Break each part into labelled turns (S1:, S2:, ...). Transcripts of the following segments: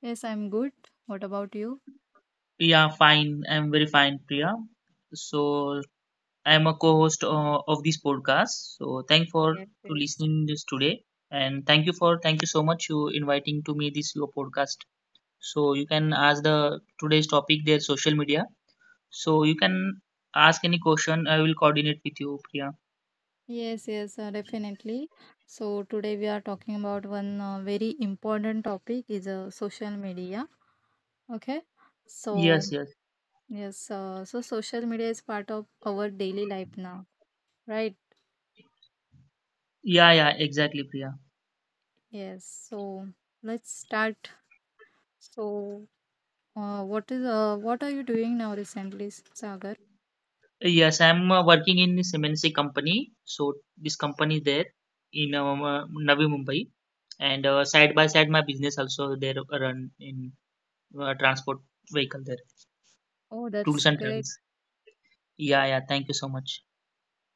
S1: Yes, I'm good. What about you?
S2: Yeah, fine. I'm very fine, Priya. So I'm a co-host of this podcast. So thank for
S1: Yes,
S2: to
S1: yes.
S2: listening this today, and thank you for thank you so much you inviting to me this your podcast. So you can ask the today's topic there social media. So you can ask any question. I will coordinate with you, Priya.
S1: Yes, yes, definitely. So today we are talking about one very important topic is social media. Okay. So
S2: Yes, yes.
S1: yes, so social media is part of our daily life now, right?
S2: Yeah, yeah, exactly, Priya.
S1: Yes. So let's start. So, what are you doing now recently, Sagar?
S2: Yes, I'm working in this MNC company. So this company is there in Navi Mumbai, and side by side my business also there run in transport vehicle there,
S1: Oh,
S2: tools
S1: that's
S2: and
S1: great.
S2: travels. Yeah, yeah. Thank you so much.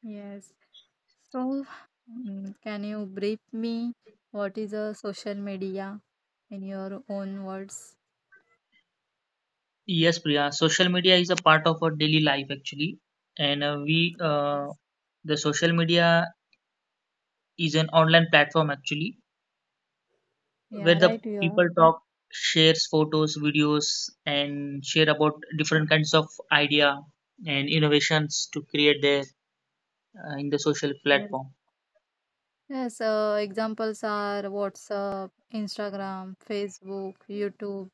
S1: Yes. So, can you brief me what is a social media in your own words?
S2: Yes, Priya. Social media is a part of our daily life actually, and we
S1: Yes.
S2: the social media is an online platform actually where
S1: Yeah,
S2: the
S1: right. You are.
S2: people talk, shares photos, videos, and share about different kinds of idea and innovations to create their in the social
S1: Yes.
S2: platform.
S1: Yes. Examples are WhatsApp, Instagram, Facebook, YouTube.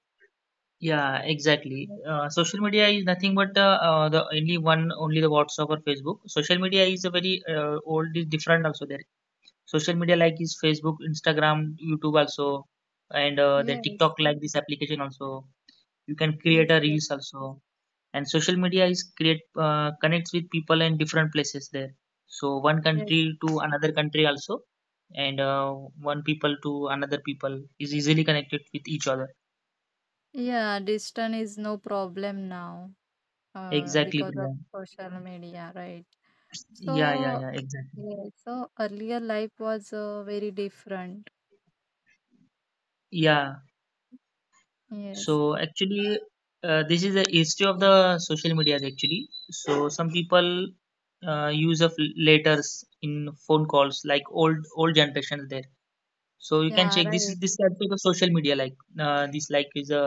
S2: Yeah, exactly.
S1: Yes.
S2: Social media is nothing but the only one, only the WhatsApp or Facebook. Social media is a very old, is different also there. Social media like is Facebook, Instagram, YouTube also, and the
S1: Yes.
S2: TikTok like this application also. You can create
S1: Yes.
S2: a
S1: Yes.
S2: reels also and social media is create connects with people in different places there, so one
S1: Yes.
S2: country to another country also, and one people to another people is easily connected with each other
S1: Yeah, distance is no problem now,
S2: exactly,
S1: because of
S2: Priya.
S1: social media, right?
S2: Yeah, yeah,
S1: So,
S2: yeah, exactly,
S1: yes, so earlier life was very different.
S2: yeah.
S1: Yes.
S2: So actually this is the history of the social media actually. So some people use of letters in phone calls like old generations there. So you can
S1: Yeah,
S2: check this is
S1: right.
S2: this type of social media like this like is a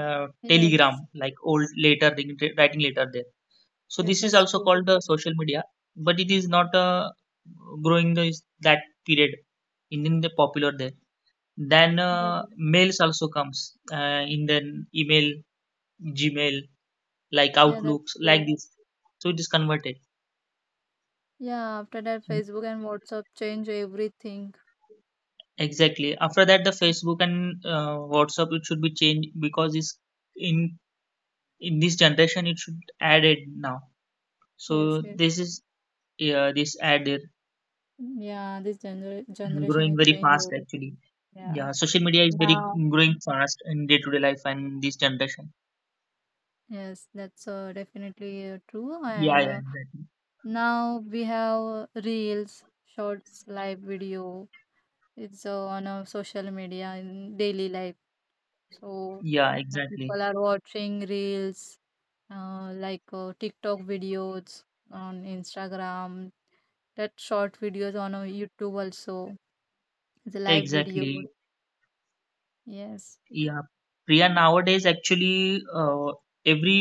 S2: telegram
S1: Yes.
S2: like old letter writing letter there. So
S1: Yeah,
S2: this is
S1: that's
S2: also
S1: true.
S2: called the social media, but it is not growing the, is that period in, the popular there. Then
S1: Yeah.
S2: mails also comes in the email, Gmail like
S1: Yeah, that's
S2: Outlooks like
S1: true.
S2: this. So it is converted.
S1: Yeah, after that,
S2: And
S1: Facebook and WhatsApp change everything.
S2: exactly. After that, the Facebook and WhatsApp it should be changed because it's in in this generation it should add it now.
S1: Yes,
S2: So
S1: yes.
S2: this is, yeah, this ad it
S1: Yeah, this gener
S2: and
S1: generation
S2: growing
S1: has
S2: very
S1: changed
S2: fast actually.
S1: everything. Yeah.
S2: Yeah, social media is very
S1: Now,
S2: growing fast in day-to-day life and this generation.
S1: yes, that's definitely true.
S2: Yeah,
S1: And
S2: yeah, exactly,
S1: now we have reels, shorts, live video, it's on a social media in daily life. So
S2: yeah,
S1: now
S2: exactly,
S1: people are watching reels like TikTok videos on Instagram, that short videos on YouTube also, the live videos.
S2: exactly,
S1: Yes.
S2: yeah, Priya. Nowadays actually every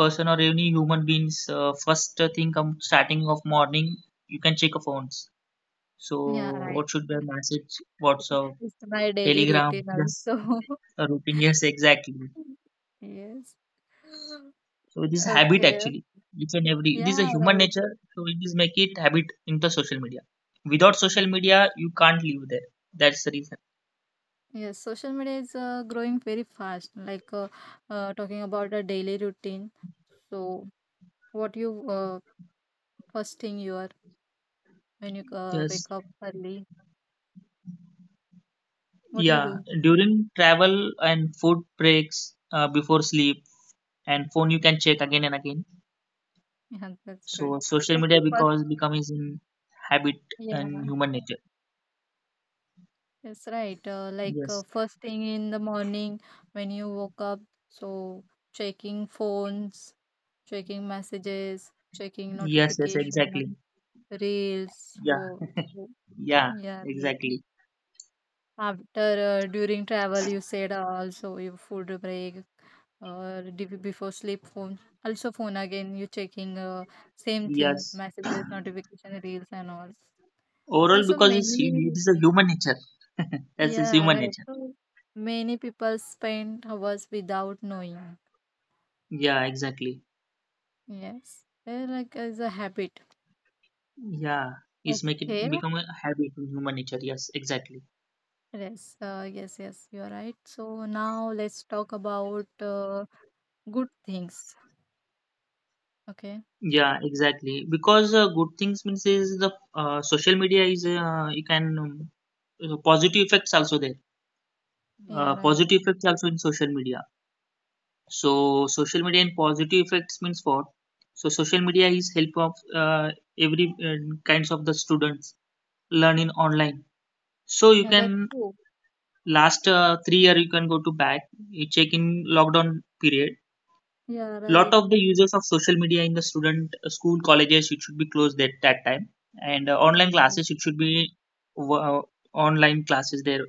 S2: person or any human beings first thing come starting of morning you can check your phones. So
S1: Yeah,
S2: what
S1: right.
S2: should be a message WhatsApp,
S1: It's my daily
S2: Telegram?
S1: routine
S2: Yes,
S1: also.
S2: a routine. Yes, exactly.
S1: Yes.
S2: So this is habit
S1: Okay.
S2: actually, each and every this is a
S1: Yeah,
S2: human
S1: right.
S2: nature. So it is make it habit into social media. Without social media, you can't live there. That's the reason.
S1: Yes, social media is growing very fast. Like talking about a daily routine. So, what you first thing you are when you
S2: Yes.
S1: wake up early, what you
S2: Yeah.
S1: do?
S2: During travel and food breaks, before sleep and phone, you can check again and again.
S1: Yeah, that's right.
S2: So social
S1: Like
S2: media
S1: first,
S2: because becomes in habit and
S1: yeah,
S2: human nature.
S1: that's right. Like
S2: Yes.
S1: first thing in the morning when you woke up, so checking phones, checking messages, checking
S2: Yes. Yes. Exactly.
S1: notification, reels.
S2: Yeah.
S1: Whoa.
S2: Yeah.
S1: Yeah,
S2: Exactly.
S1: after during travel, you said also your food break, before sleep phone, also phone again. You checking same thing,
S2: Yes.
S1: messages, notification, reels, and all. And
S2: Overall,
S1: so
S2: because it's, it
S1: many,
S2: is a human nature. That's his
S1: yeah,
S2: human
S1: right.
S2: nature.
S1: So many people spend hours without knowing.
S2: Yeah, exactly.
S1: Yes, they like as a habit.
S2: Yeah, it's make it
S1: Okay.
S2: become a habit in human nature. Yes, exactly.
S1: Yes. Yes. Yes. You're right. So now let's talk about good things. Okay.
S2: Yeah, exactly. Because good things means is the social media is you can positive effects also there.
S1: Yeah. Right.
S2: Positive effects also in social media. So social media and positive effects means what? So social media is help of every kinds of the students learn in online. So you
S1: Yeah. That's
S2: can
S1: true.
S2: last 3 year you can go to back you check in lockdown period
S1: Yeah,
S2: lot
S1: right.
S2: of the users of social media in the student school colleges it should be closed at that time, and
S1: Yeah,
S2: online
S1: right.
S2: classes it should be uh, online classes they're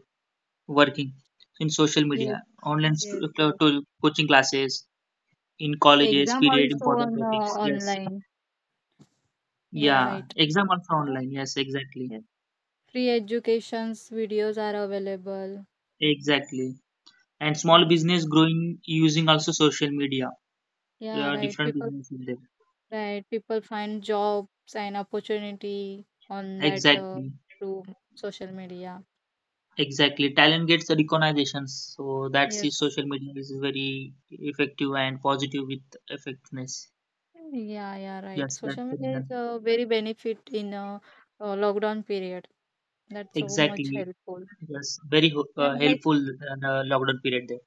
S2: working in social
S1: Yes,
S2: media online
S1: yes, yes.
S2: to coaching classes in
S1: The
S2: colleges
S1: exam
S2: period
S1: also
S2: important
S1: on
S2: topics. Yes,
S1: online. Yeah,
S2: yeah,
S1: right.
S2: exam also
S1: Oh,
S2: online. Yes, exactly,
S1: yes, free educations videos are available.
S2: exactly. And small
S1: Yes,
S2: business growing using also social media,
S1: yeah, right.
S2: different
S1: People,
S2: business in there
S1: right. People find jobs and opportunity on that
S2: exactly.
S1: through social media.
S2: Exactly, talent gets recognition, so that's the
S1: Yes.
S2: social media is very effective and positive with effectiveness.
S1: Yeah, yeah, right.
S2: Yes,
S1: Social
S2: that's the
S1: media is
S2: reason.
S1: a very benefit in a lockdown period. That's so much
S2: Exactly.
S1: helpful.
S2: Yes, very
S1: Yeah, like
S2: helpful in lockdown period there.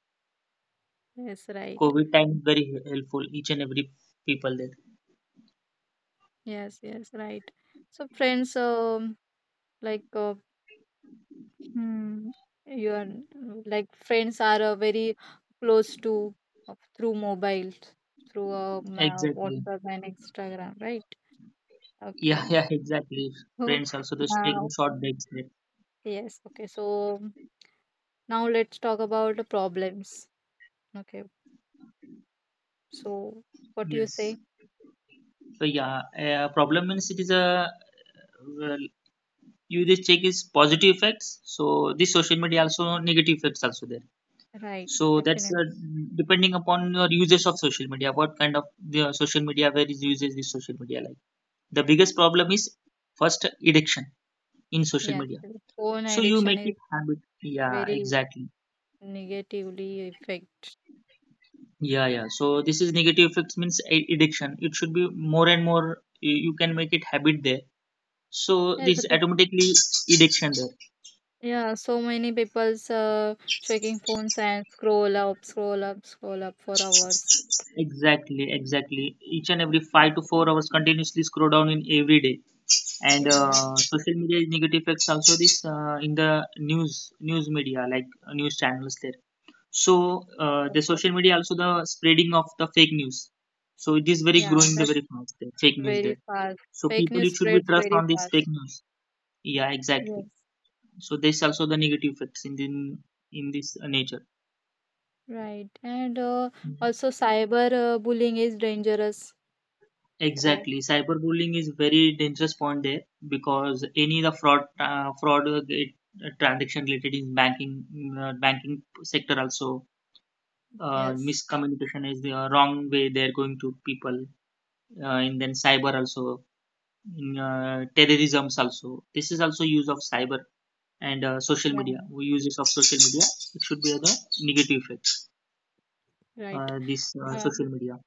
S1: yes, right.
S2: COVID time very helpful each and every people there.
S1: Yes, yes, right. So friends, like, hmm, friends are very close to through mobile, through
S2: Exactly.
S1: WhatsApp and Instagram, right?
S2: Yeah,
S1: Okay.
S2: yeah, exactly. Friends also
S1: So
S2: just taking
S1: now,
S2: short breaks there.
S1: yes. Okay. So now let's talk about the problems. Okay. So what do you
S2: Yes.
S1: say?
S2: So yeah, problem means it is a well, you just check is positive effects. So this social media also negative effects also there.
S1: Right.
S2: So that's
S1: Definitely.
S2: depending upon your uses of social media. What kind of the social media? Where is uses this social media like? The biggest problem is first addiction in social
S1: Yes.
S2: media.
S1: Phone
S2: So you
S1: addiction
S2: make it
S1: is
S2: habit. Yeah,
S1: very
S2: exactly.
S1: negatively affect.
S2: Yeah, yeah. So this is negative effects means addiction. It should be more and more. You can make it habit there. So
S1: Yes,
S2: this
S1: the
S2: automatically addiction there.
S1: yeah, so many people's checking phones and scroll up, scroll up, scroll up for hours.
S2: Exactly, exactly. Each and every 5 to 4 hours continuously scroll down in every day, and
S1: Yeah, right.
S2: social media negative effects also this in the news media like news channels there. So
S1: So
S2: the
S1: true.
S2: social media also the spreading of the fake news. So it is very
S1: Yeah,
S2: growing the
S1: that's
S2: very fast there, fake news there,
S1: very fast.
S2: so
S1: Fake
S2: people
S1: news
S2: it should be
S1: spreads
S2: trust
S1: very
S2: on this fake
S1: fast.
S2: news. Yeah, exactly.
S1: Yes,
S2: So there's also the negative effects in the, in this nature.
S1: right. And
S2: Mm-hmm.
S1: also cyber bullying is dangerous. So
S2: Exactly, cyberbullying is very dangerous point there because any the fraud, fraud transaction related in banking, banking sector also
S1: yes,
S2: miscommunication is the wrong way they are going to people, and then cyber also, in terrorisms also. This is also use of cyber and social
S1: yeah,
S2: media. We uses of social media. It should be the negative effect.
S1: right.
S2: This
S1: Uh,
S2: social media.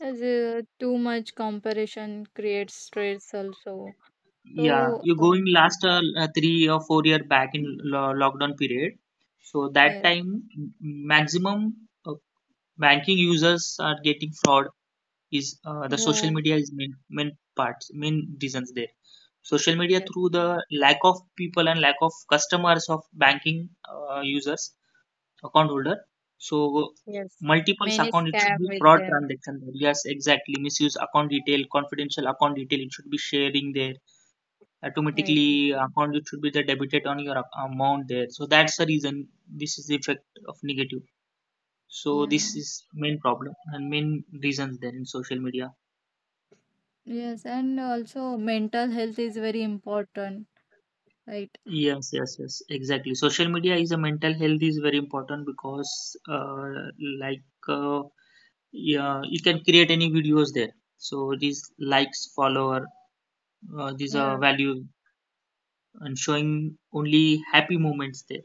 S1: as, too much comparison creates stress also.
S2: Yeah,
S1: So
S2: you going last 3 or 4 year back in lo lockdown period. So that
S1: yes,
S2: time, maximum uh, banking users are getting fraud is the social
S1: yeah,
S2: media is main parts main reasons there. Social media
S1: yes,
S2: through the lack of people and lack of customers of banking users account holder. So
S1: yes.
S2: multiple
S1: Many
S2: account it
S1: scam
S2: should be
S1: with
S2: fraud
S1: them.
S2: transaction there. Yes, exactly. Misuse account detail, confidential account detail. It should be sharing there
S1: Right.
S2: automatically
S1: Right.
S2: account it should be the debited on your amount there, so that's the reason this is the effect of negative. So
S1: Yeah.
S2: this is main problem and main reasons there in social media.
S1: Yes. And also mental health is very important. Right.
S2: Yes, yes, yes, exactly. Social media is a mental health is very important because uh, like uh, yeah, you can create any videos there. So these likes follower these are
S1: Yeah.
S2: value and showing only happy moments there.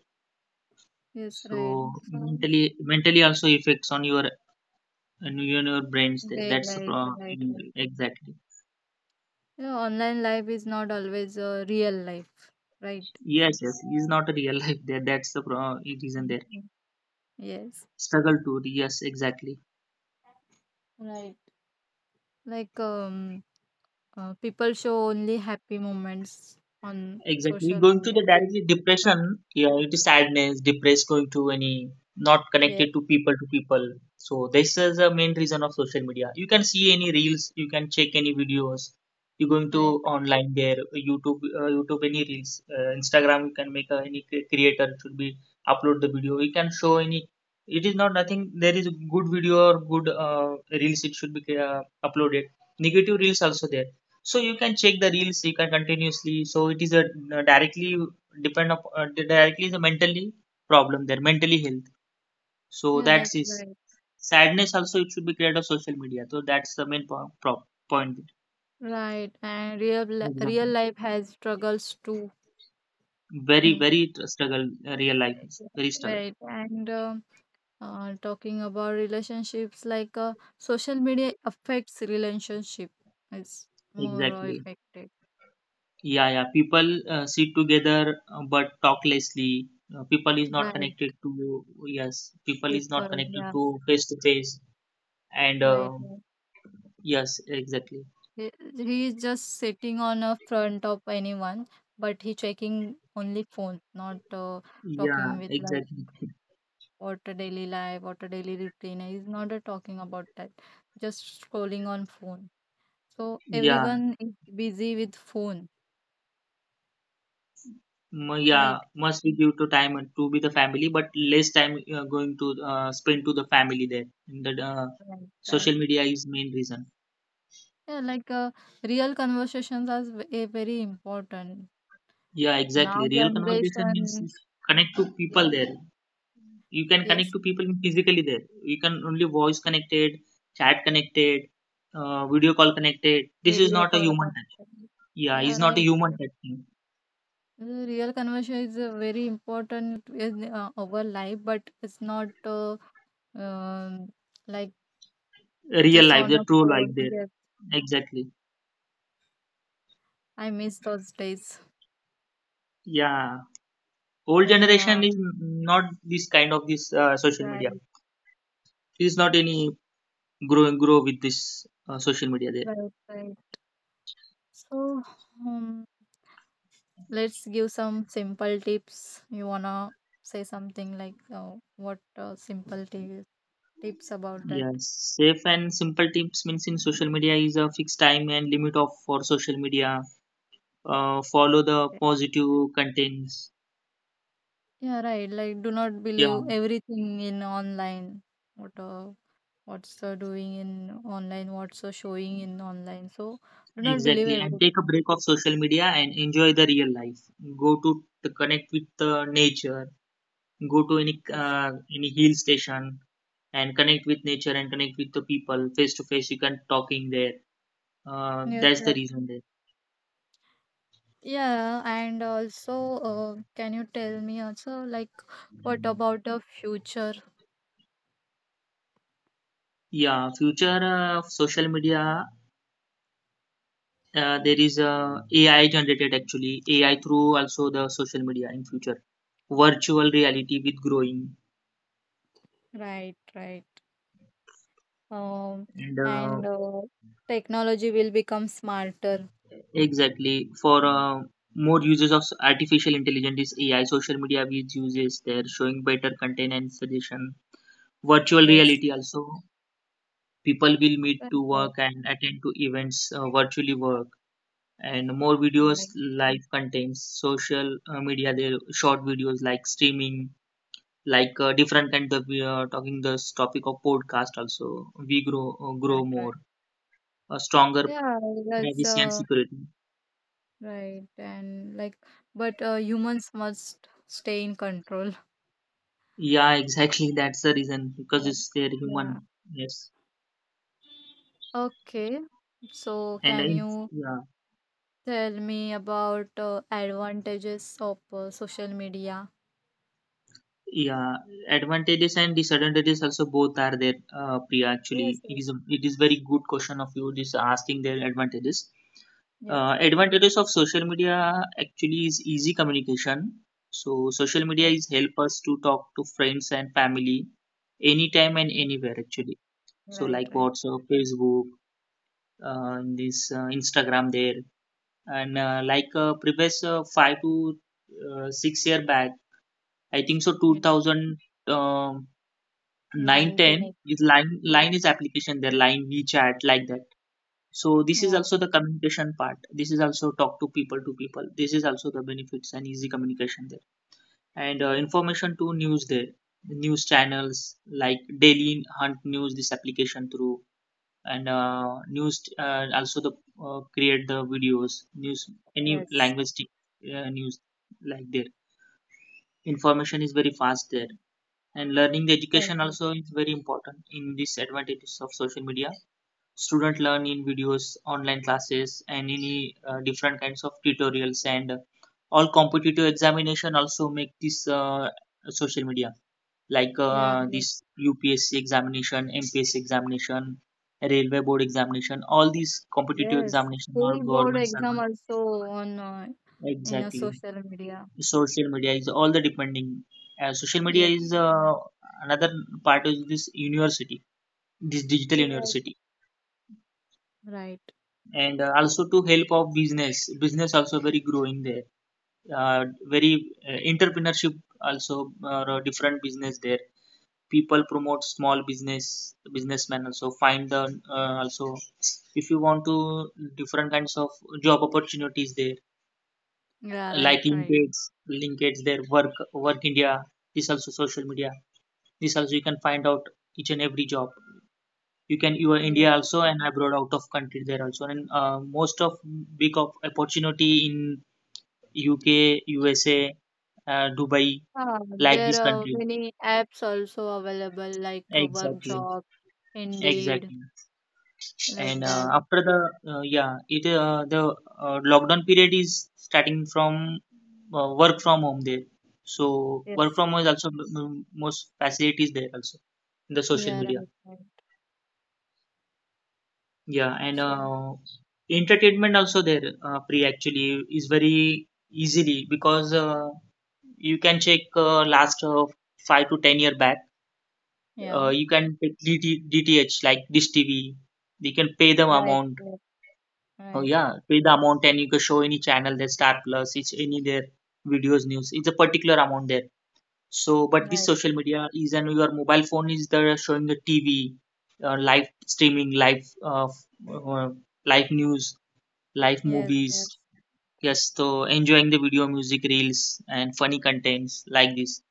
S1: Yes.
S2: So
S1: Right. So
S2: mentally also affects on your and you and your brains there.
S1: day
S2: That's the
S1: life.
S2: problem,
S1: Right. Right.
S2: exactly.
S1: Yeah, online life is not always real life. Right.
S2: Yes, yes. It's not a real life there, that's the reason there
S1: Mhm. Yes.
S2: struggle to. Yes, exactly,
S1: Right. Like people show only happy moments on
S2: exactly.
S1: social
S2: Going to the
S1: media. Right.
S2: directly
S1: Not.
S2: depression, yeah, it is sadness, depressed, going to any not
S1: Yeah.
S2: connected to people. So this is the main reason of social media. You can see any reels, you can check any videos. You're going to
S1: Right.
S2: online there, YouTube, YouTube any reels, Instagram. You can make a, any creator should be upload the video. You can show any. It is not nothing. There is good video or good reels. It should be uploaded. Negative reels also there, so you can check the reels you can continuously. So it is a directly depend up directly is a mentally problem there mentally health. So
S1: Yeah. That's
S2: that's is
S1: right.
S2: sadness also it should be created of social media. So that's the main point
S1: Right. And
S2: exactly.
S1: real life has struggles too.
S2: Very very struggle, real life is very struggle
S1: Right. And talking about relationships, like social media affects relationship. It's more
S2: exactly.
S1: affected.
S2: Yeah, yeah, people sit together but talk lessly, people is not
S1: Right.
S2: connected to. Yes, people is not
S1: People.
S2: connected
S1: Yes.
S2: to face and
S1: Right.
S2: um,
S1: Right.
S2: yes exactly.
S1: He, he is just sitting on a front of anyone, but he checking only phone, not
S2: Yeah,
S1: talking with like
S2: exactly.
S1: what a daily life, what a daily routine. He's not talking about that. Just scrolling on phone. So
S2: Yeah,
S1: everyone is busy with phone,
S2: yeah,
S1: right?
S2: must be due to time and to be the family, but less time going to spend to the family there. And the
S1: Right, right.
S2: social media is main reason.
S1: Yeah, like real conversations are very important.
S2: Yeah,
S1: Now
S2: exactly. Real conversation means
S1: generation,
S2: is connect to
S1: yeah,
S2: people there. You can connect
S1: yes,
S2: to people physically there. You can only voice connected, chat connected, video call connected. This is
S1: video
S2: not a
S1: call
S2: human touch.
S1: conversation.
S2: Yeah,
S1: Yeah,
S2: it's not a
S1: right.
S2: human touch thing.
S1: The real conversation is very important in our life, but it's not um, like
S2: Real
S1: just
S2: life,
S1: on a
S2: the true life
S1: phone.
S2: there.
S1: Yes,
S2: Exactly.
S1: I miss those days
S2: Yeah. Old
S1: when
S2: generation is not this kind of this social
S1: right,
S2: media. It is not any grow with this social media there.
S1: right, right. So, um, let's give some simple tips you wanna say something like what simple tips? Tips about that.
S2: Yes, safe and simple tips means in social media is a fixed time and limit of for social media, follow the
S1: Yeah,
S2: positive contents.
S1: yeah, right. Like do not believe
S2: Yeah,
S1: everything in online, what uh, what's doing in online, what's showing in online. So do not believe
S2: exactly, and take a
S1: everything.
S2: break of social media and enjoy the real life. Go to connect with the nature, go to
S1: Yes,
S2: any hill station and connect with nature and connect with the people face to face. You can talking there,
S1: yes,
S2: that's the
S1: right,
S2: reason there.
S1: yeah. And also, can you tell me also like what about the future?
S2: Yeah, future of social media, there is AI generated. Actually, AI through also the social media in future, virtual reality with growing
S1: Right, right. um,
S2: and
S1: and technology will become smarter.
S2: exactly for more uses of artificial intelligence is AI, social media with uses there, showing better content and suggestion, virtual
S1: Yes.
S2: reality also. People will meet
S1: Right,
S2: to
S1: right,
S2: work and attend to events, virtually work, and more videos
S1: right,
S2: live contents, social media, the short videos like streaming, like different kind of we are talking this topic of podcast also. We grow
S1: right, right.
S2: more, a stronger
S1: Yeah, that's
S2: privacy and security.
S1: right. And like, but humans must stay in control.
S2: Yeah, exactly. That's the reason because
S1: Yeah.
S2: it's their
S1: Yeah.
S2: human. Yes,
S1: Okay, so
S2: and
S1: can you
S2: yeah.
S1: tell me about advantages of social media?
S2: Yeah, advantages and disadvantages also both are there, Priya.
S1: Yes,
S2: Actually, it is
S1: yes,
S2: it is very good question of you just asking their advantages.
S1: yes.
S2: Advantages of social media actually is easy communication. So social media
S1: Right.
S2: is help us to talk to friends and family anytime and
S1: Yes.
S2: anywhere actually. So
S1: Right,
S2: like
S1: right.
S2: WhatsApp, Facebook, this Instagram there, and like previous five to 6 years back, I think so two
S1: Yeah.
S2: thousand um, nine ten is
S1: 1980.
S2: line
S1: Yes,
S2: line is application there, line WeChat like that. So this
S1: yeah.
S2: is
S1: Yeah.
S2: also the communication part. This is also talk to people to people. This is also the benefits and easy communication there, and information to news there. News channels like Daily Hunt News, this application through, and news also the create the videos news any
S1: Yes.
S2: language news like there, information is very fast there. And learning the
S1: Right.
S2: education also is very important in these advantages of social media. Student learn in videos, online classes and any different kinds of tutorials, and all competitive examination also make this social media, like
S1: Yeah, right,
S2: this UPSC examination, MPSC examination, railway board examination, all these competitive
S1: Yes.
S2: examination or
S1: School board
S2: government
S1: exam
S2: servant.
S1: also on in a
S2: Exactly,
S1: social media.
S2: social media is all the depending, social media
S1: Yes,
S2: is another part of this university, this digital
S1: you're right.
S2: university.
S1: Right.
S2: And also to help of business, business also very growing there, uh, very entrepreneurship also, different business there. People promote small business, businessmen also find the also if you want to different kinds of job opportunities there,
S1: Yeah, right,
S2: like
S1: right.
S2: linkedin there, work india, this also social media, this also you can find out each and every job. You can, you are
S1: Yes.
S2: india also and abroad out of country there also, and most of big of opportunity in UK, USA, Dubai,
S1: Ah,
S2: like
S1: there
S2: this
S1: are
S2: country.
S1: many apps also available like Work
S2: Exactly,
S1: Job, Indeed,
S2: exactly.
S1: like
S2: And
S1: that.
S2: after the yeah it the lockdown period is starting from work from home there. So work
S1: Yes.
S2: from home is also most facilities there also in the social
S1: Yeah,
S2: media.
S1: right, right.
S2: Yeah, and
S1: So,
S2: entertainment also there, Pri, actually is very easily because you can check last 5 to 10 years back.
S1: yeah,
S2: You can take DTDTH like Dish TV. We can pay the
S1: right,
S2: amount.
S1: yes,
S2: Oh
S1: right,
S2: yeah, pay the amount, and you can show any channel there, Star Plus, it's any their videos, news. It's a particular amount there. So, but this
S1: right.
S2: social media is, and your mobile phone is there showing the TV, live streaming, live uh, live news, live
S1: Yes,
S2: movies.
S1: yes.
S2: Yes, so enjoying the video music reels and funny contents like this.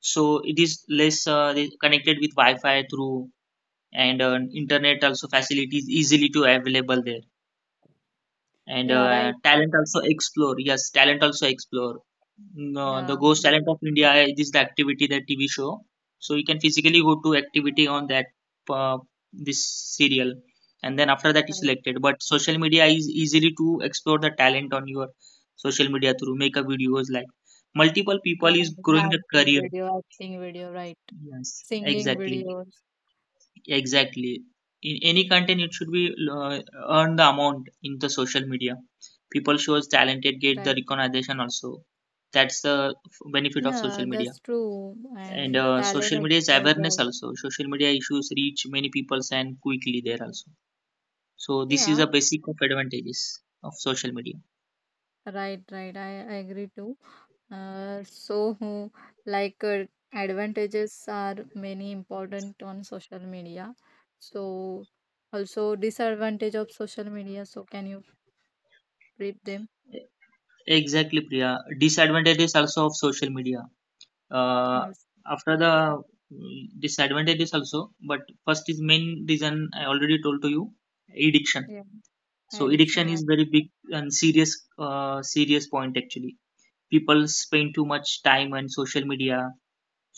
S2: So it is less connected with Wi-Fi through, and internet also facilities easily to available there. And
S1: Yeah, right.
S2: talent also explore, yes, talent also explore. Mm, the
S1: Yeah,
S2: ghost talent of india is the activity, the TV show, so you can physically go to activity on that, uh, this serial, and then after that is
S1: right.
S2: selected. But social media is easily to explore the talent on your social media through, make a videos like multiple
S1: Yeah,
S2: people is growing the
S1: dancing
S2: career.
S1: video, acting video, right.
S2: Yes,
S1: Singing
S2: exactly.
S1: videos,
S2: Exactly. In any content, it should be earn the amount in the social media. People shows talented get the
S1: right.
S2: recognition also. That's the benefit of
S1: Yeah,
S2: social media.
S1: that's true.
S2: And
S1: And talent
S2: social media's awareness
S1: exposure.
S2: also. Social media issues reach many people and quickly there also. So this is
S1: Yeah,
S2: a basic of advantages of social media.
S1: right, right. I agree too. So, like, advantages are many important on social media. So, also disadvantage of social media. So, can you brief them?
S2: Exactly, Priya. Disadvantages also of social media. uh,
S1: Yes.
S2: After the mm, disadvantages also, but first is main reason I already told to you, addiction.
S1: Yeah,
S2: So
S1: addiction,
S2: addiction is
S1: right.
S2: very big and serious point actually. People spend too much time on social media,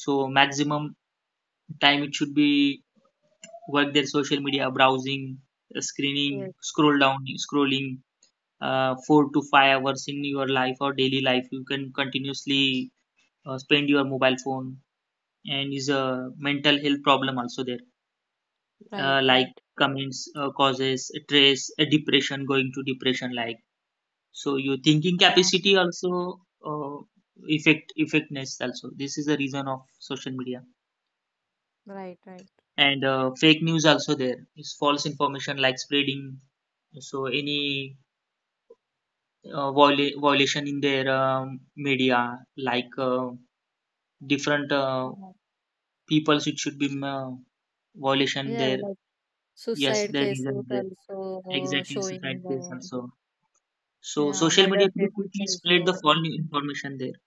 S2: so maximum time it should be work their social media browsing, screening,
S1: Yes,
S2: scroll down, scrolling, 4 to 5 hours in your life or daily life. You can continuously spend your mobile phone, and is a mental health problem also there,
S1: right,
S2: like
S1: right.
S2: comments causes stress, depression, going to depression like. So your thinking
S1: Yeah,
S2: capacity also uh, effect, effectiveness also. This is the reason of social media.
S1: right, right.
S2: And fake news also there, is false information like spreading. So any violation in their media, like different
S1: Yeah,
S2: peoples it should be violation
S1: yeah,
S2: there,
S1: like
S2: yes
S1: suicide
S2: there
S1: cases
S2: reason there.
S1: also
S2: Exactly, suicide
S1: showing
S2: case
S1: there.
S2: also. So
S1: Yeah,
S2: social
S1: murder
S2: media could
S1: cases
S2: quickly spread the
S1: also,
S2: false information there.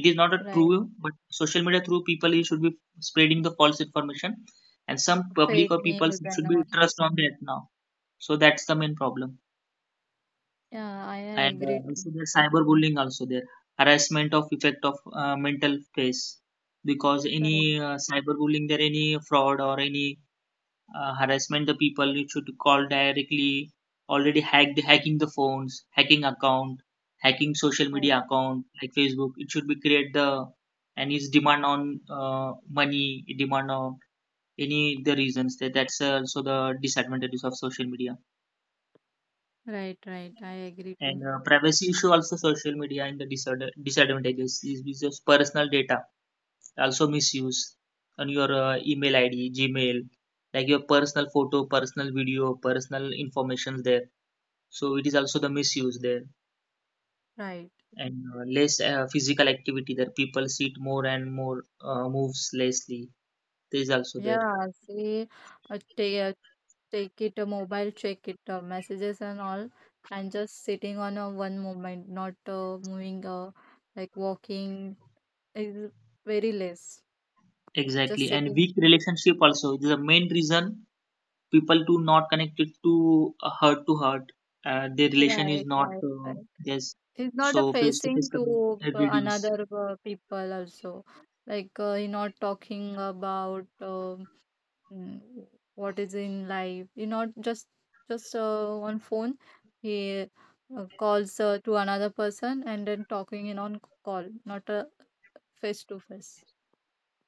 S2: It is not a
S1: right?
S2: true, but social media through people you should be spreading the false information, and some public
S1: Fake
S2: or people
S1: news and
S2: should be
S1: all.
S2: trust on that now. So that's the main problem.
S1: Yeah, I
S2: And
S1: agree
S2: also
S1: too.
S2: there's cyberbullying also there, harassment of effect of mental space, because
S1: Right,
S2: any cyberbullying there, any fraud or any harassment, the people you should call directly, already hacked, hacking the phones, hacking account, hacking social media account like facebook, it should be create the, and its demand on money demand on any the reasons. That that's also the disadvantages of social media.
S1: right, right, right. I agree
S2: And
S1: too.
S2: privacy issue also, social media in the disadvantages is just personal data also misuse on your email id, gmail, like your personal photo, personal video, personal informations there. So it is also the misuse there.
S1: Right.
S2: And less physical activity there, people sit more and more, moves lessly. This is also there.
S1: Yeah, see, uh, take, take it a mobile, check it messages and all, and just sitting on a one moment, not moving, like walking is very less. Just
S2: Exactly. And
S1: sitting.
S2: weak relationship also, it is the main reason, people do not connect it to heart to heart. Their relation is
S1: Right,
S2: not
S1: right, right.
S2: yes.
S1: He's not a
S2: So face to
S1: facing
S2: face
S1: to
S2: communication reduce.
S1: another people also, like he not talking about um, mm, what is in life. He not just on phone. He calls to another person and then talking in on call, not a face to face.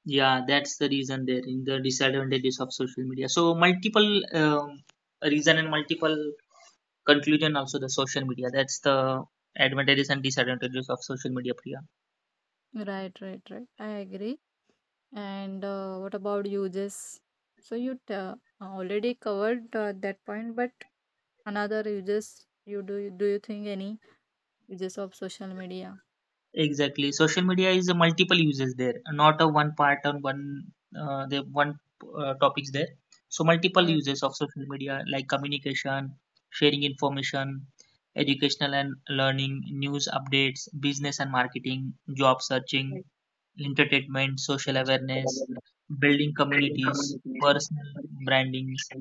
S2: Yeah, that's the reason there in the disadvantages of social media. So multiple reason and multiple conclusion also the social media. That's the advantages and disadvantages of social media, Priya.
S1: Right, right, right. I agree. And what about uses? So you already covered that point, but another uses, you do do you think any uses of social media?
S2: Exactly, social media is a multiple uses there, not a one part on one the one topics there. So multiple
S1: Yes.
S2: uses of social media, like communication, sharing information, educational and learning, news updates, business and marketing, job searching,
S1: Right.
S2: entertainment, social awareness, building communities, personal brandings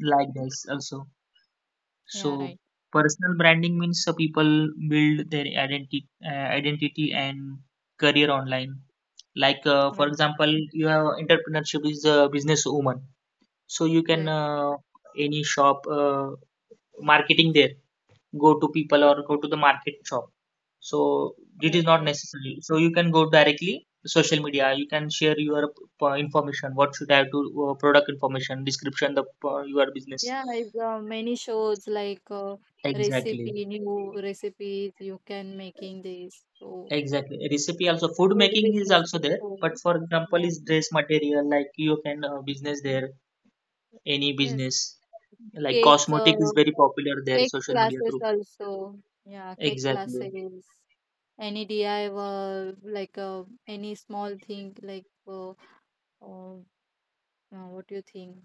S2: like this also.
S1: Yeah,
S2: So
S1: right,
S2: personal branding means people build their identity, identity and career online. Like for
S1: right,
S2: example, your entrepreneurship is a business woman, so you can
S1: right,
S2: any shop marketing there. Go to people or go to the market shop. So it is
S1: right,
S2: not
S1: right.
S2: necessary. So you can go directly social media. You can share your information. What should I do? Product information, description, the your business.
S1: Yeah, many shows like
S2: Exactly.
S1: recipe, new recipes you can making this. So
S2: Exactly. Recipe also, food
S1: food
S2: making is
S1: business
S2: also there,
S1: also.
S2: but for example,
S1: Yeah.
S2: is dress material, like you can business there, any
S1: Yes.
S2: business like
S1: Cake,
S2: cosmetic
S1: uh,
S2: is very popular there,
S1: cake
S2: social media
S1: classes
S2: through.
S1: also. Yeah, cake
S2: Exactly.
S1: classes. Any DIY, like any small thing like uh, what do you think?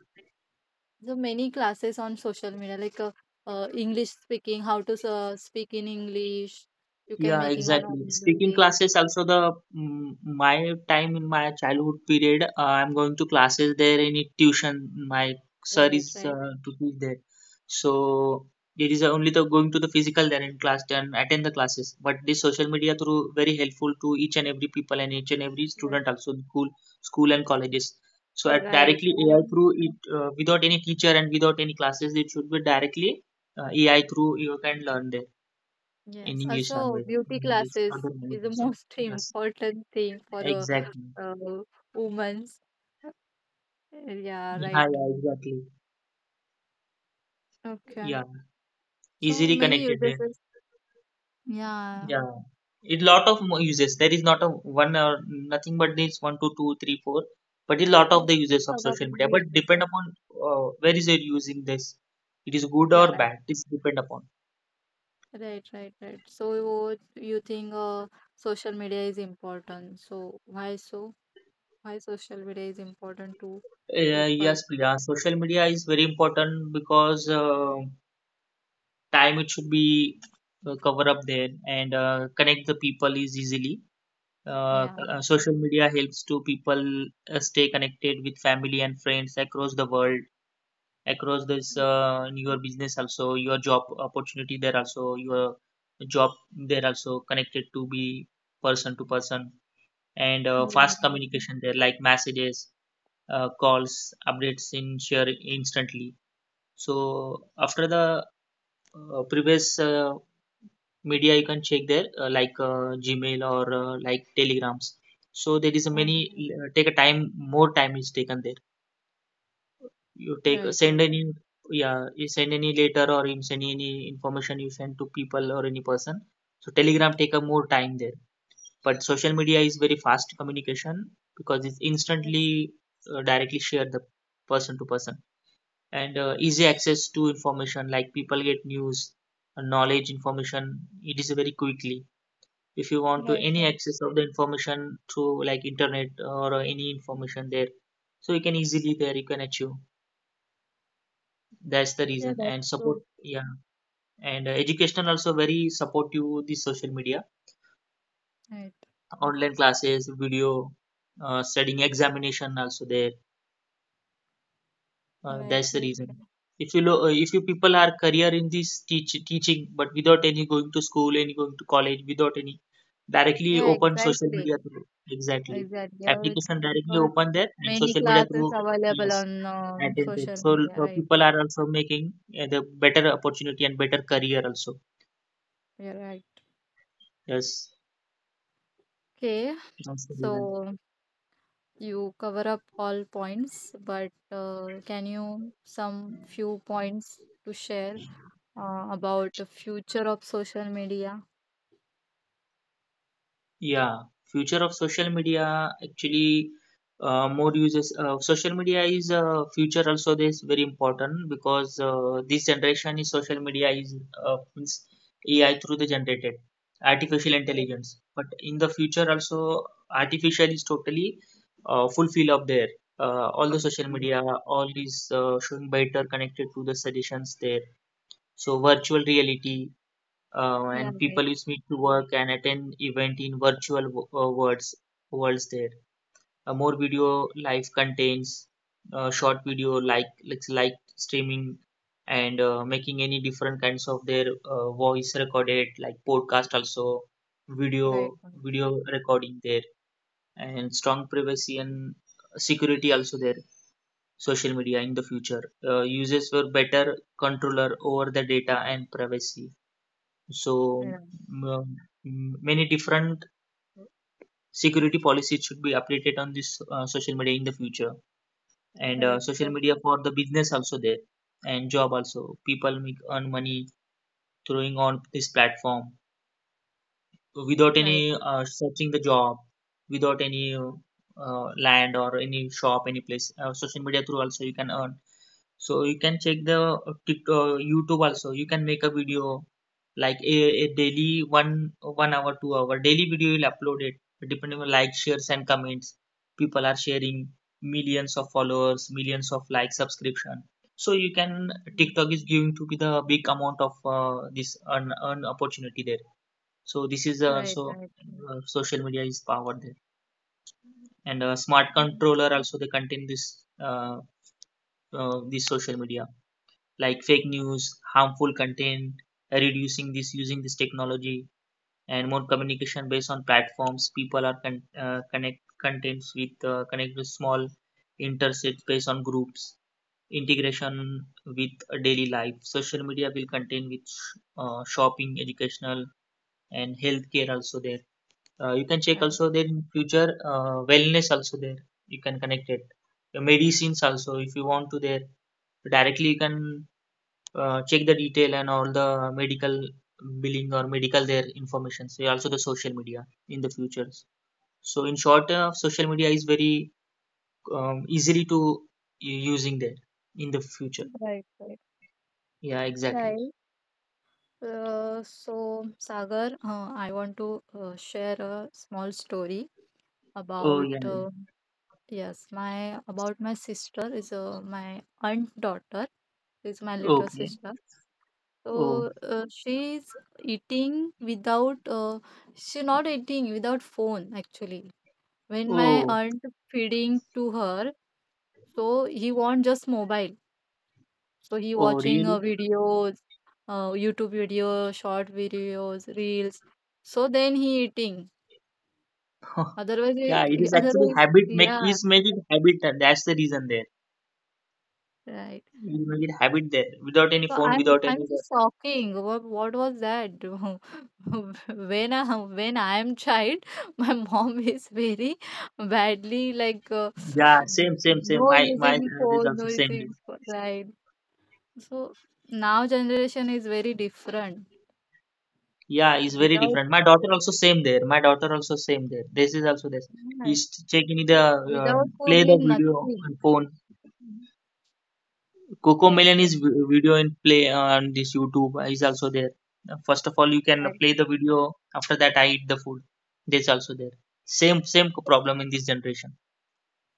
S1: There are many classes on social media, like English speaking, how to speak in English. You can
S2: Yeah,
S1: making on
S2: exactly. Speaking
S1: online.
S2: classes also, the mm, my time in my childhood period, I'm going to classes there in a tuition. My sir is
S1: Right,
S2: to teach there, so there is only the going to the physical there in class and attend the classes. But this social media through very helpful to each and every people and each and every
S1: right,
S2: student also in school, school and colleges. So
S1: right,
S2: at
S1: right.
S2: directly AI
S1: And
S2: through it, without any teacher and without any classes, it should be directly AI through you can learn there in
S1: yes,
S2: English
S1: also
S2: language, in
S1: beauty
S2: English,
S1: classes
S2: other language
S1: is the
S2: also.
S1: most
S2: Yes,
S1: important thing for a
S2: exactly.
S1: uh, uh, woman's. Yeah,
S2: Yeah,
S1: right.
S2: yeah, exactly.
S1: Okay.
S2: Yeah,
S1: So
S2: easily
S1: many
S2: connected
S1: uses.
S2: there.
S1: Yeah.
S2: Yeah, it lot of more uses. There is not a one or nothing but this one, two, two, three, four. But a lot of the
S1: Yes.
S2: uses of
S1: Lot of
S2: social media. But
S1: uses.
S2: depend upon where is it using this. It is good
S1: Yeah,
S2: or
S1: right.
S2: bad. It's depend upon.
S1: Right, right, right. So you think social media is important. So? Why social media is important to people?
S2: Yes, Priya. Social media is very important because time it should be cover up there, and connect the people is easily.
S1: Yeah.
S2: Social media helps to people stay connected with family and friends across the world, across this in your business also, your job opportunity there also, your job there also connected to be person to person. And
S1: Yeah,
S2: fast
S1: right.
S2: communication there, like messages, calls, updates in share instantly. So after the previous media you can check there like gmail or like telegrams, so there is a many
S1: Mhm.
S2: take a time, more time is taken there. You take
S1: Right,
S2: send
S1: right.
S2: any, yeah, you send any letter or you send any information, you send to people or any person, so telegram take a more time there. But social media is very fast communication because it's
S1: Yes,
S2: instantly directly share the person to person, and easy access to information, like people get news knowledge information, it is very quickly. If you want to
S1: right.
S2: any
S1: Right.
S2: access of the information through like internet or any information there, so you can easily there you can achieve, that's the
S1: Yeah,
S2: reason,
S1: that's
S2: and support.
S1: true.
S2: Yeah, and education also very support you, the social media
S1: Right,
S2: online classes, video studying, examination also there.
S1: right,
S2: That's the
S1: right,
S2: reason.
S1: right.
S2: If you people are career in this teaching, but without any going to school, any going to college, without any directly
S1: Yeah,
S2: open social
S1: exactly.
S2: media through exactly
S1: Exactly. Yeah,
S2: application, directly
S1: because
S2: open there and
S1: many
S2: social media
S1: classes
S2: through,
S1: available
S2: yes,
S1: on
S2: attend it.
S1: social
S2: So
S1: media, right?
S2: people are also making the better opportunity and better career also.
S1: Yeah, right.
S2: Yes,
S1: Okay.
S2: that's the reason.
S1: So you cover up all points, but can you some few points to share about the future of social media?
S2: Yeah, future of social media, actually more uses. Social media is future also. This very important because this generation is social media is means AI through the generated artificial
S1: Right.
S2: intelligence. But in the future also, artificial is totally fulfill up there. All the social media, all is showing better connected to the suggestions there. So virtual reality
S1: Yeah,
S2: and
S1: right,
S2: people use Meet to work and attend event in virtual worlds there. More video live contents, short video like streaming, and making any different kinds of their voice recorded like podcast, also video
S1: right, right,
S2: video recording there, and strong privacy and security also there, social media in the future users were better controller over the data and privacy. So
S1: yeah,
S2: m- many different security policies should be updated on this social media in the future. And
S1: right,
S2: social
S1: right,
S2: media for the business also there, and job also. People make earn money throwing on this platform, without
S1: right,
S2: any searching the job, without any land or any shop, any place. Social media through also you can earn. So you can check the TikTok, YouTube also. You can make a video like a daily one one hour, 2 hour daily video. You'll upload it depending on like, shares, and comments. People are sharing millions of followers, millions of like subscription. So you can,
S1: mm,
S2: TikTok is giving to be the big amount of this earn, earn opportunity there. So this is
S1: right,
S2: also
S1: right, right.
S2: social media is powered there, and smart
S1: mm,
S2: controller also they contain this this social media like fake news, harmful content, reducing this using this technology, and more communication based on platforms. People are con- connect contents with connect with small intersets based on groups integration with a daily life, social media will contain with shopping, educational and healthcare also there. You can check
S1: right,
S2: also there in future wellness also there. You can connect it. Your medicines also, if you want to there directly you can check the detail and all the medical billing or medical their information. So also the social media in the futures. So in short, social media is very easily to using there in the future.
S1: right, right.
S2: Yeah, exactly.
S1: Right. So, Sagar, I want to share a small story
S2: Oh
S1: about,
S2: yeah. Yeah.
S1: yes, my sister is my aunt daughter is my little
S2: Okay.
S1: sister. So
S2: Oh,
S1: eating without uh, she not eating without phone actually. When my
S2: oh,
S1: aunt feeding to her, so he want just mobile. So he
S2: oh.
S1: watching
S2: Really.
S1: videos, YouTube video, short videos, reels. So then he eating.
S2: Huh.
S1: Otherwise,
S2: Yeah, it is actually
S1: otherwise,
S2: habit make,
S1: yeah,
S2: is make it habit. That's the reason there.
S1: right.
S2: You make it habit there without any
S1: So
S2: phone,
S1: I'm
S2: without
S1: I'm
S2: any.
S1: just talking. What was that? When I am child, my mom is very badly like
S2: Yeah, same, same, same.
S1: no
S2: My
S1: using
S2: is
S1: phone,
S2: also
S1: no
S2: same there.
S1: using phone, right. So now generation is very different.
S2: Yeah, is very
S1: Without
S2: different. My daughter also same there. My daughter also same there. This is also this.
S1: yeah,
S2: Is checking the
S1: so
S2: uh,
S1: without phone,
S2: play the
S1: is
S2: video on
S1: nothing.
S2: phone. Coco
S1: Yes,
S2: Melon
S1: yes,
S2: is
S1: yes.
S2: video in play on this YouTube is also there. First of all, you can
S1: Right,
S2: play the video. After that, I eat the food. This also there. Same same problem in this generation.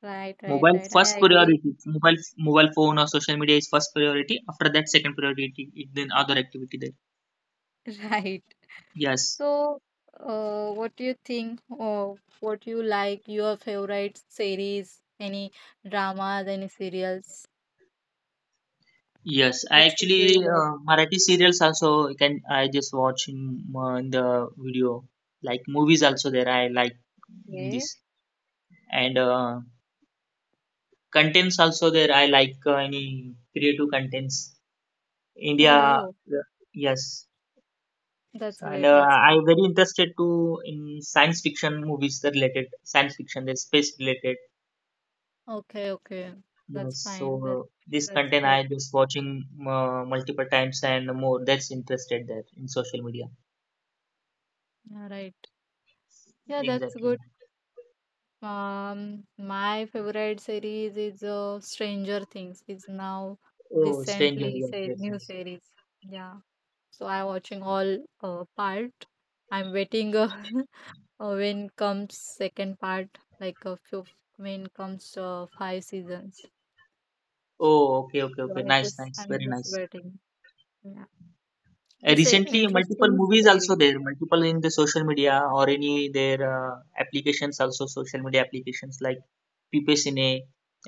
S1: right, right,
S2: Mobile
S1: right.
S2: first
S1: I agree.
S2: priority. Mobile phone or social media is first priority. After that, second priority. Then other activity there.
S1: Right.
S2: Yes,
S1: So, what do you think? Or what you like? Your favorite series? Any dramas? Any serials?
S2: yes. I
S1: Which do
S2: actually
S1: you like?
S2: Marathi serials also, can I just watch in the video. Like movies also there. I like in
S1: Okay.
S2: this, and contents also there. I like any creative contents.
S1: Oh,
S2: India,
S1: oh,
S2: yes.
S1: that's
S2: And
S1: great. That's
S2: I
S1: great.
S2: very interested to in science fiction movies, that related science fiction, that space related.
S1: Okay, okay. That's
S2: Yes,
S1: fine. That's
S2: so this
S1: that's
S2: content
S1: good.
S2: I just watching multiple times and more. That's interested there in social media.
S1: All right. Yeah, that's
S2: Exactly.
S1: good. My favorite series is Stranger Things. It's now
S2: Oh, stranger,
S1: recently
S2: yes,
S1: say
S2: yes,
S1: new
S2: yes.
S1: series. Yeah. So I'm watching all part. I'm waiting. When comes second part, like a few, when comes five seasons.
S2: Oh, okay, okay,
S1: So
S2: okay. Nice, nice,
S1: I'm
S2: very
S1: just
S2: nice.
S1: waiting. Yeah, this is a
S2: Recently, multiple
S1: interesting
S2: movies also
S1: series.
S2: there. Multiple in the social media or any their applications, also social media applications like PPCine,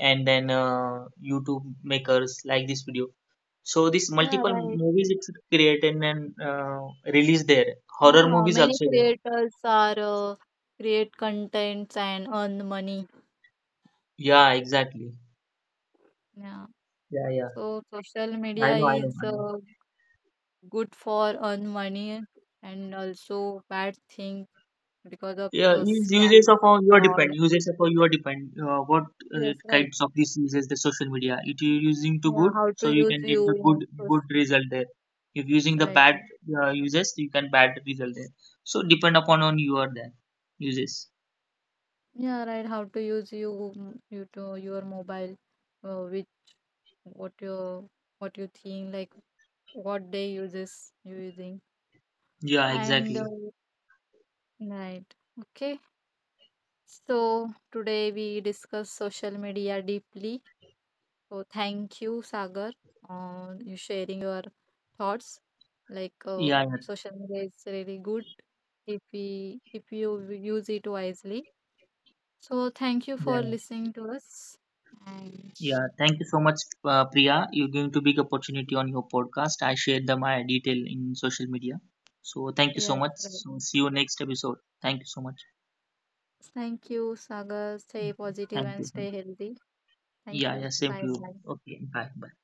S2: and then YouTube makers like this video. So this
S1: Yeah,
S2: multiple
S1: right.
S2: movies it's created and released there. Horror
S1: Now
S2: movies
S1: many
S2: also there.
S1: creators are create contents and earn money.
S2: Yeah, exactly.
S1: Yeah.
S2: Yeah, yeah.
S1: So social
S2: I
S1: media
S2: know, I know,
S1: is
S2: I know.
S1: good for earn money and also bad thing because of
S2: Yeah, is usage
S1: scam
S2: of all your
S1: fraud.
S2: depend, uses of all your depend what
S1: Yes, right.
S2: kinds of this uses the social media. If you're using to
S1: Yeah,
S2: good,
S1: how to
S2: so you
S1: use
S2: can get the
S1: you?
S2: good good result there. If using the
S1: Right,
S2: bad
S1: right.
S2: uses, you can bad result there. So depend upon on your then uses.
S1: Yeah, right. How to use you to your mobile, which what you what you think like what day uses you using
S2: Yeah,
S1: and
S2: exactly.
S1: right. Okay, so today we discuss social media deeply. So thank you, Sagar, on you sharing your thoughts. Like
S2: Yeah,
S1: social media is really good if you use it wisely. So thank you
S2: yeah,
S1: for
S2: yeah.
S1: listening to us and.
S2: Yeah, thank you so much, Priya. You're giving to big opportunity on your podcast. I shared the, my detail in social media. So thank you so
S1: Yes,
S2: much.
S1: right.
S2: So see you next episode. Thank you so much.
S1: Thank you, Sagar. Stay positive
S2: Thank
S1: and
S2: you.
S1: stay
S2: Thank you.
S1: healthy. Thank
S2: Yeah, yeah,
S1: you.
S2: same to
S1: Bye
S2: you.
S1: bye.
S2: Okay, bye. Bye.